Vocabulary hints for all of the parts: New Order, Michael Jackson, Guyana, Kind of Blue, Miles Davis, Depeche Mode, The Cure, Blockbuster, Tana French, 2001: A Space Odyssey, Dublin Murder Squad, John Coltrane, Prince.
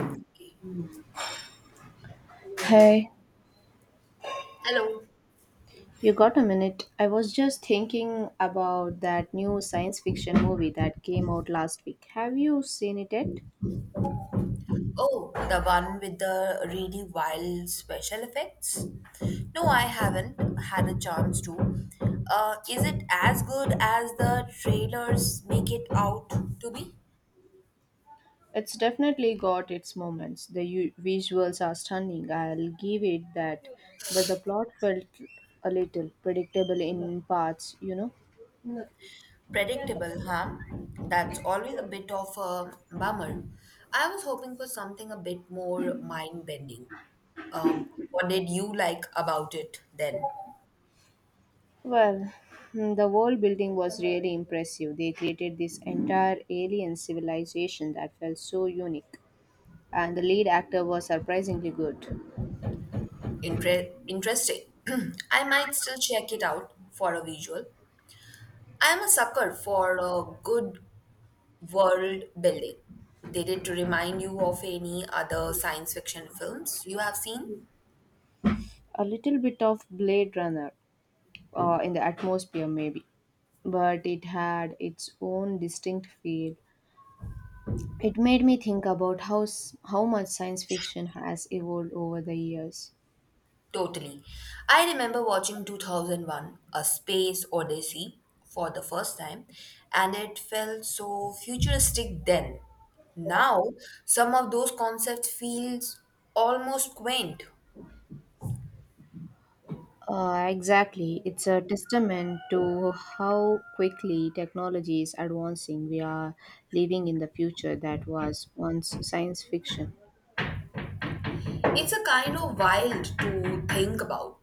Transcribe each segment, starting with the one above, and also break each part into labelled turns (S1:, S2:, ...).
S1: Okay.
S2: Hey,
S1: Hello.
S2: you got a minute? I was just thinking about that new science fiction movie that came out last week. Have you seen it yet?
S1: Oh, the one with the really wild special effects? No, I haven't had a chance to. Is it as good as the trailers make it out to be?
S2: It's definitely got its moments. The visuals are stunning, I'll give it that. But the plot felt a little predictable in parts.
S1: Predictable, huh? That's always a bit of a bummer. I was hoping for something a bit more mind bending. What did you like about it then?
S2: Well, the world building was really impressive. They created this entire alien civilization that felt so unique, and the lead actor was surprisingly good.
S1: Interesting. I might still check it out for a visual. I am a sucker for a good world building. Did it remind you of any other science fiction films you have seen?
S2: A little bit of Blade Runner in the atmosphere, maybe, but it had its own distinct feel. It made me think about how much science fiction has evolved over the years.
S1: Totally. I remember watching 2001 A Space Odyssey for the first time, and it felt so futuristic then. Now, some of those concepts feels almost quaint.
S2: Exactly, it's a testament to how quickly technology is advancing. We are living in the future that was once science fiction.
S1: It's a kind of wild to think about.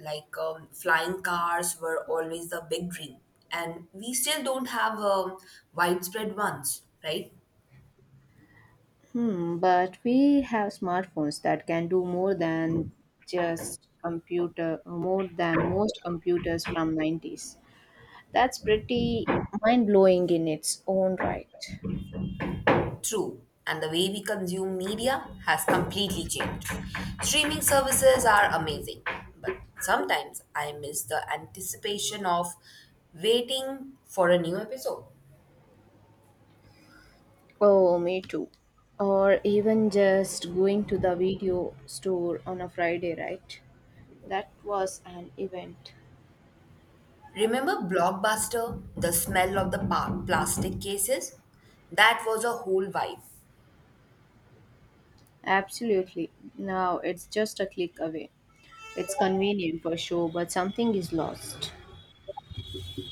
S1: Like flying cars were always the big dream, and we still don't have widespread ones, right?
S2: But we have smartphones that can do more than just computer, more than most computers from 90's. That's pretty mind-blowing in its own right.
S1: True. And the way we consume media has completely changed. Streaming services are amazing, but sometimes I miss the anticipation of waiting for a new episode.
S2: Oh, me too. Or even just going to the video store on a Friday, right? That was an event.
S1: Remember Blockbuster? The smell of the plastic cases? That was a whole vibe.
S2: Absolutely. Now it's just a click away. It's convenient for sure, but something is lost.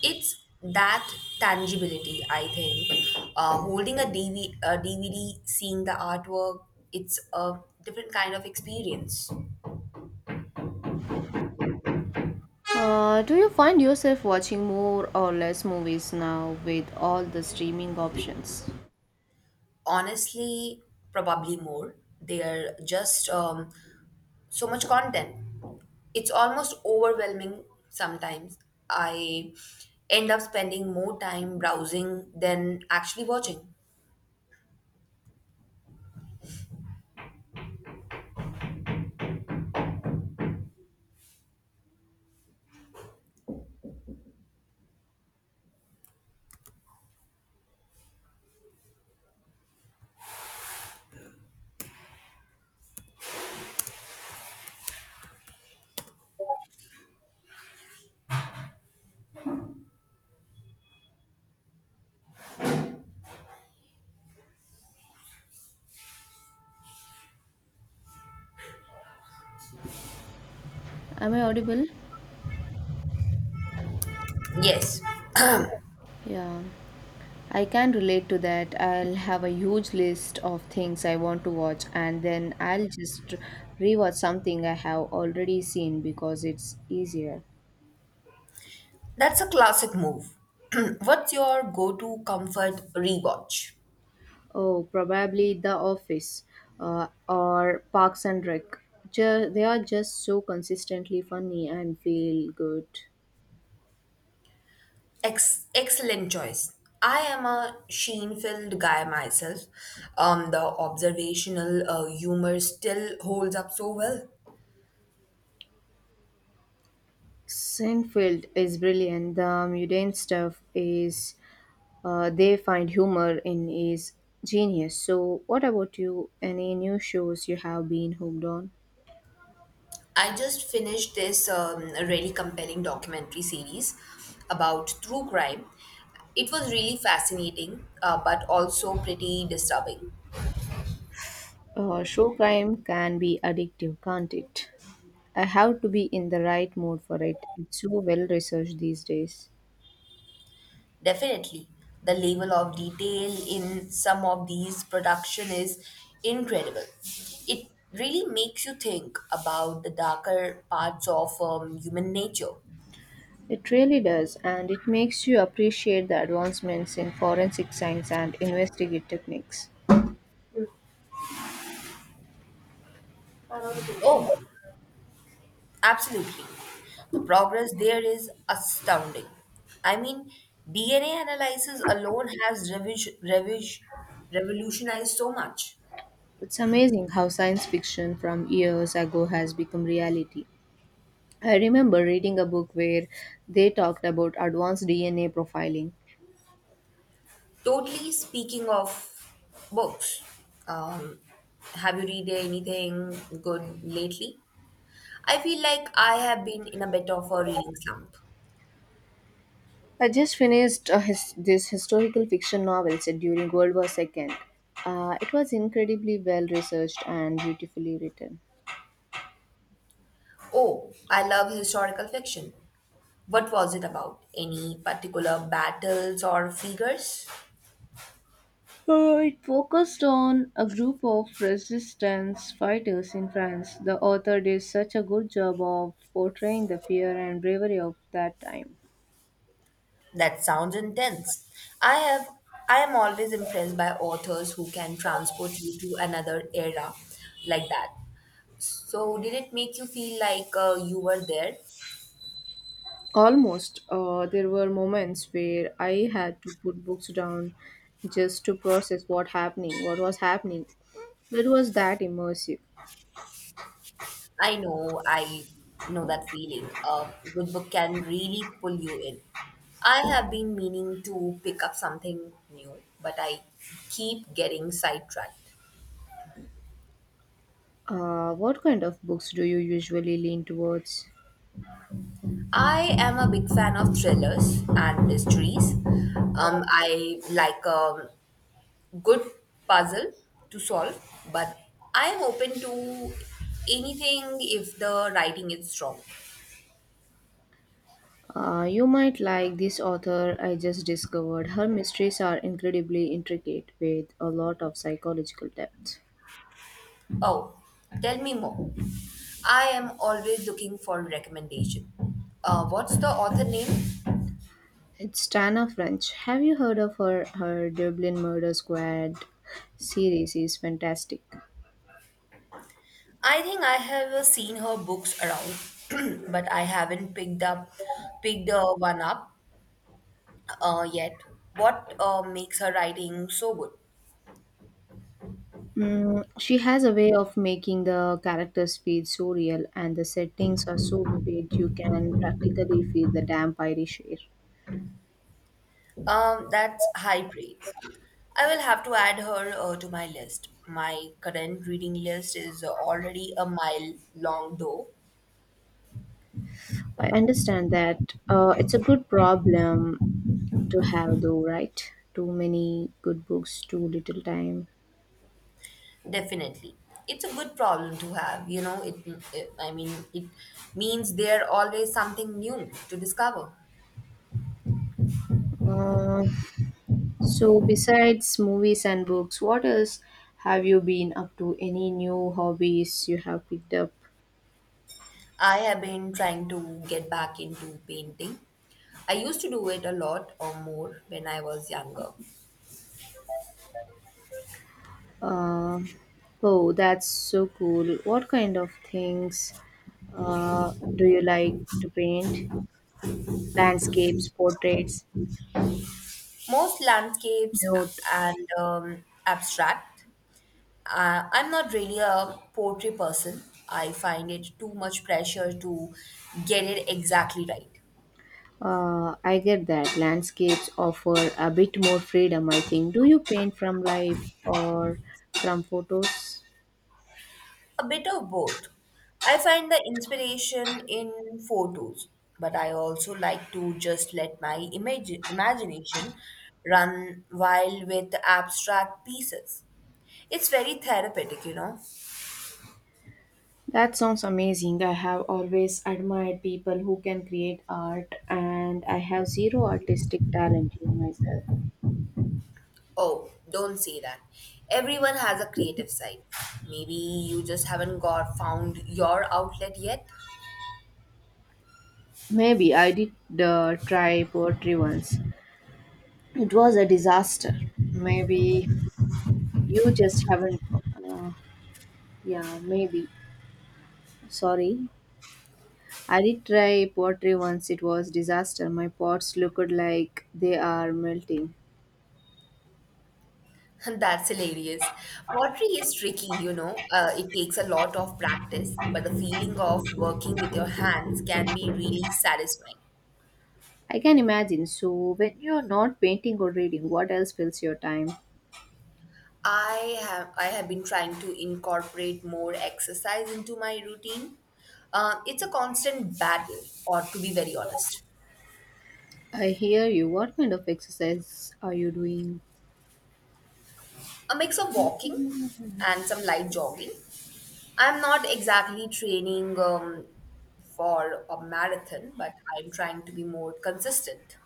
S1: It's that tangibility I think, holding a DVD, seeing the artwork. It's a different kind of experience.
S2: Do you find yourself watching more or less movies now with all the streaming options?
S1: Honestly, probably more. They're just so much content. It's almost overwhelming sometimes. I end up spending more time browsing than actually watching.
S2: Am I audible?
S1: Yes.
S2: Yeah, I can relate to that. I'll have a huge list of things I want to watch, and then I'll just rewatch something I have already seen because it's easier.
S1: That's a classic move. What's your go-to comfort rewatch?
S2: Oh, probably The Office or Parks and Rec. They are just so consistently funny and feel good.
S1: Excellent choice. I am a Sheen-filled guy myself. The observational humor still holds up so well.
S2: Seinfeld is brilliant. The mundane stuff is they find humor in is genius. So, what about you? Any new shows you have been hooked on?
S1: I just finished this really compelling documentary series about true crime. It was really fascinating, but also pretty disturbing.
S2: True crime can be addictive, can't it? I have to be in the right mood for it. It's so well researched these days.
S1: Definitely. The level of detail in some of these production is incredible. It really makes you think about the darker parts of human nature.
S2: It really does, and it makes you appreciate the advancements in forensic science and investigative techniques.
S1: Oh, absolutely. The progress there is astounding. I mean, DNA analysis alone has revolutionized so much.
S2: It's amazing how science fiction from years ago has become reality. I remember reading a book where they talked about advanced DNA profiling.
S1: Totally. Speaking of books, um, have you read anything good lately? I feel like I have been in a bit of a reading slump.
S2: I just finished this historical fiction novel set during World War II. It was incredibly well researched and beautifully written.
S1: Oh, I love historical fiction. What was it about? Any particular battles or figures?
S2: It focused on a group of resistance fighters in France. The author did such a good job of portraying the fear and bravery of that time.
S1: That sounds intense. I have I am always impressed by authors who can transport you to another era like that. So did it make you feel like, you were there?
S2: Almost, there were moments where I had to put books down just to process what was happening. It was that immersive.
S1: I know that feeling. A good book can really pull you in. I have been meaning to pick up something new, but I keep getting sidetracked.
S2: What kind of books do you usually lean towards?
S1: I am a big fan of thrillers and mysteries. I like a good puzzle to solve, but I'm open to anything if the writing is strong.
S2: You might like this author I just discovered. Her mysteries are incredibly intricate with a lot of psychological depth.
S1: Oh, tell me more. I am always looking for recommendation. What's the author name?
S2: It's Tana French. Have you heard of her? Her Dublin Murder Squad series is fantastic.
S1: I think I have seen her books around, but I haven't picked up picked one up yet. What makes her writing so good?
S2: She has a way of making the characters feel so real, and the settings are so vivid you can practically feel the damp Irish air.
S1: That's high praise. I will have to add her, to my list. My current reading list is, already a mile long, though.
S2: I understand that, it's a good problem to have, though, right? Too many good books, too little time.
S1: Definitely. It's a good problem to have, you know, it means there always something new to discover.
S2: Uh, so, besides movies and books, what else have you been up to? Any new hobbies you have picked up?
S1: I have been trying to get back into painting. I used to do it a lot or more when I was younger.
S2: Uh, oh, that's so cool. What kind of things do you like to paint? Landscapes, portraits,
S1: Most landscapes
S2: note.
S1: and abstract. I'm not really a poetry person. I find it too much pressure to get it exactly right.
S2: I get that. Landscapes offer a bit more freedom, I think. Do you paint from life or from photos?
S1: A bit of both. I find the inspiration in photos, but I also like to just let my imagination run wild with abstract pieces. It's very therapeutic, you know.
S2: That sounds amazing. I have always admired people who can create art, and I have zero artistic talent in myself.
S1: Oh, don't say that. Everyone has a creative side. Maybe you just haven't got found your outlet yet.
S2: Maybe I did try poetry once. It was a disaster. Maybe you just haven't. Uh, yeah, maybe. Sorry. I did try pottery once. It was disaster. My pots looked like they are melting.
S1: That's hilarious. Pottery is tricky, you know. It takes a lot of practice, but the feeling of working with your hands can be really satisfying.
S2: I can imagine. So when you're not painting or reading, what else fills your time?
S1: I have been trying to incorporate more exercise into my routine. It's a constant battle, or to be very honest,
S2: I hear you. What kind of exercise are you doing?
S1: a mix of walking and some light jogging. I'm not exactly training for a marathon, but I'm trying to be more consistent.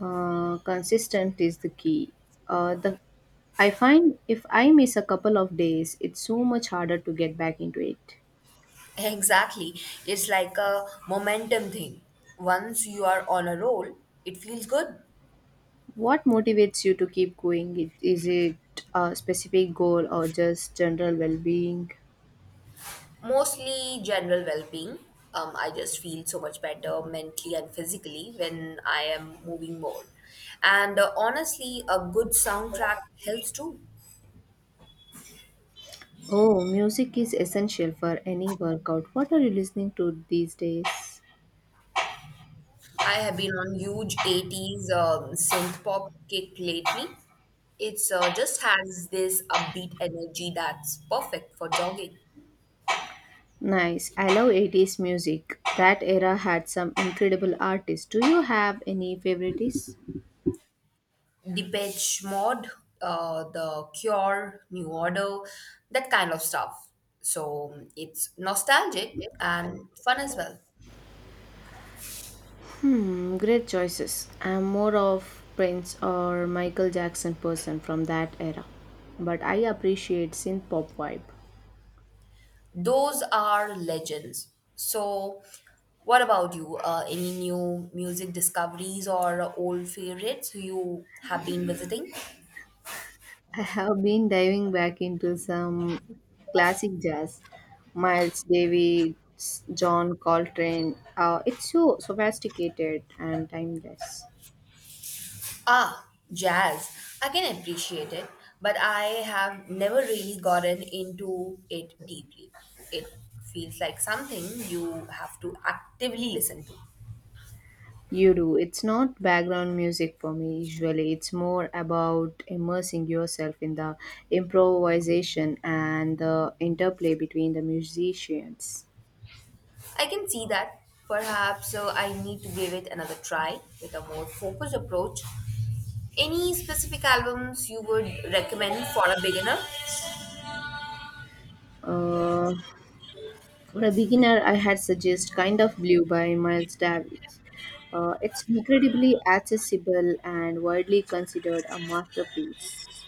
S2: Consistent is the key. The I find if I miss a couple of days, it's so much harder to get back into it.
S1: Exactly. It's like a momentum thing. Once you are on a roll, it feels good.
S2: What motivates you to keep going? Is it a specific goal or just general well being?
S1: Mostly general well being. I just feel so much better mentally and physically when I am moving more. And honestly, a good soundtrack helps too.
S2: Oh, music is essential for any workout. What are you listening to these days?
S1: I have been on huge '80s synth pop kick lately. It's, just has this upbeat energy that's perfect for jogging.
S2: Nice. I love 80's music. That era had some incredible artists. Do you have any favorites?
S1: Depeche Mode, The Cure, New Order, that kind of stuff. So it's nostalgic and fun as well.
S2: Great choices. I'm more of Prince or Michael Jackson person from that era. But I appreciate synth pop vibe.
S1: Those are legends. So, what about you? Any new music discoveries or old favorites you have been visiting?
S2: I have been diving back into some classic jazz, Miles Davis, John Coltrane. It's so sophisticated and timeless.
S1: Ah, jazz. I can appreciate it, but I have never really gotten into it deeply. It feels like something you have to actively listen to.
S2: You do. It's not background music for me usually. It's more about immersing yourself in the improvisation and the interplay between the musicians.
S1: I can see that. Perhaps so I need to give it another try with a more focused approach. Any specific albums you would recommend for a beginner?
S2: Uh, For a beginner, I had suggest Kind of Blue by Miles Davis. It's incredibly accessible and widely considered a masterpiece.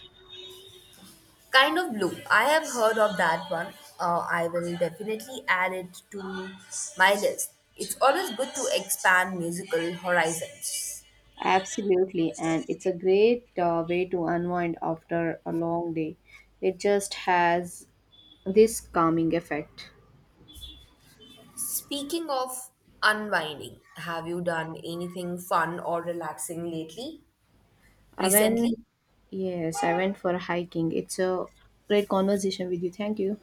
S1: Kind of blue. I have heard of that one. I will definitely add it to my list. It's always good to expand musical horizons.
S2: Absolutely, and it's a great way to unwind after a long day. It just has this calming effect.
S1: Speaking of unwinding, have you done anything fun or relaxing lately?
S2: I
S1: Recently?
S2: went, yes, I went for hiking. It's a great conversation with you. Thank you.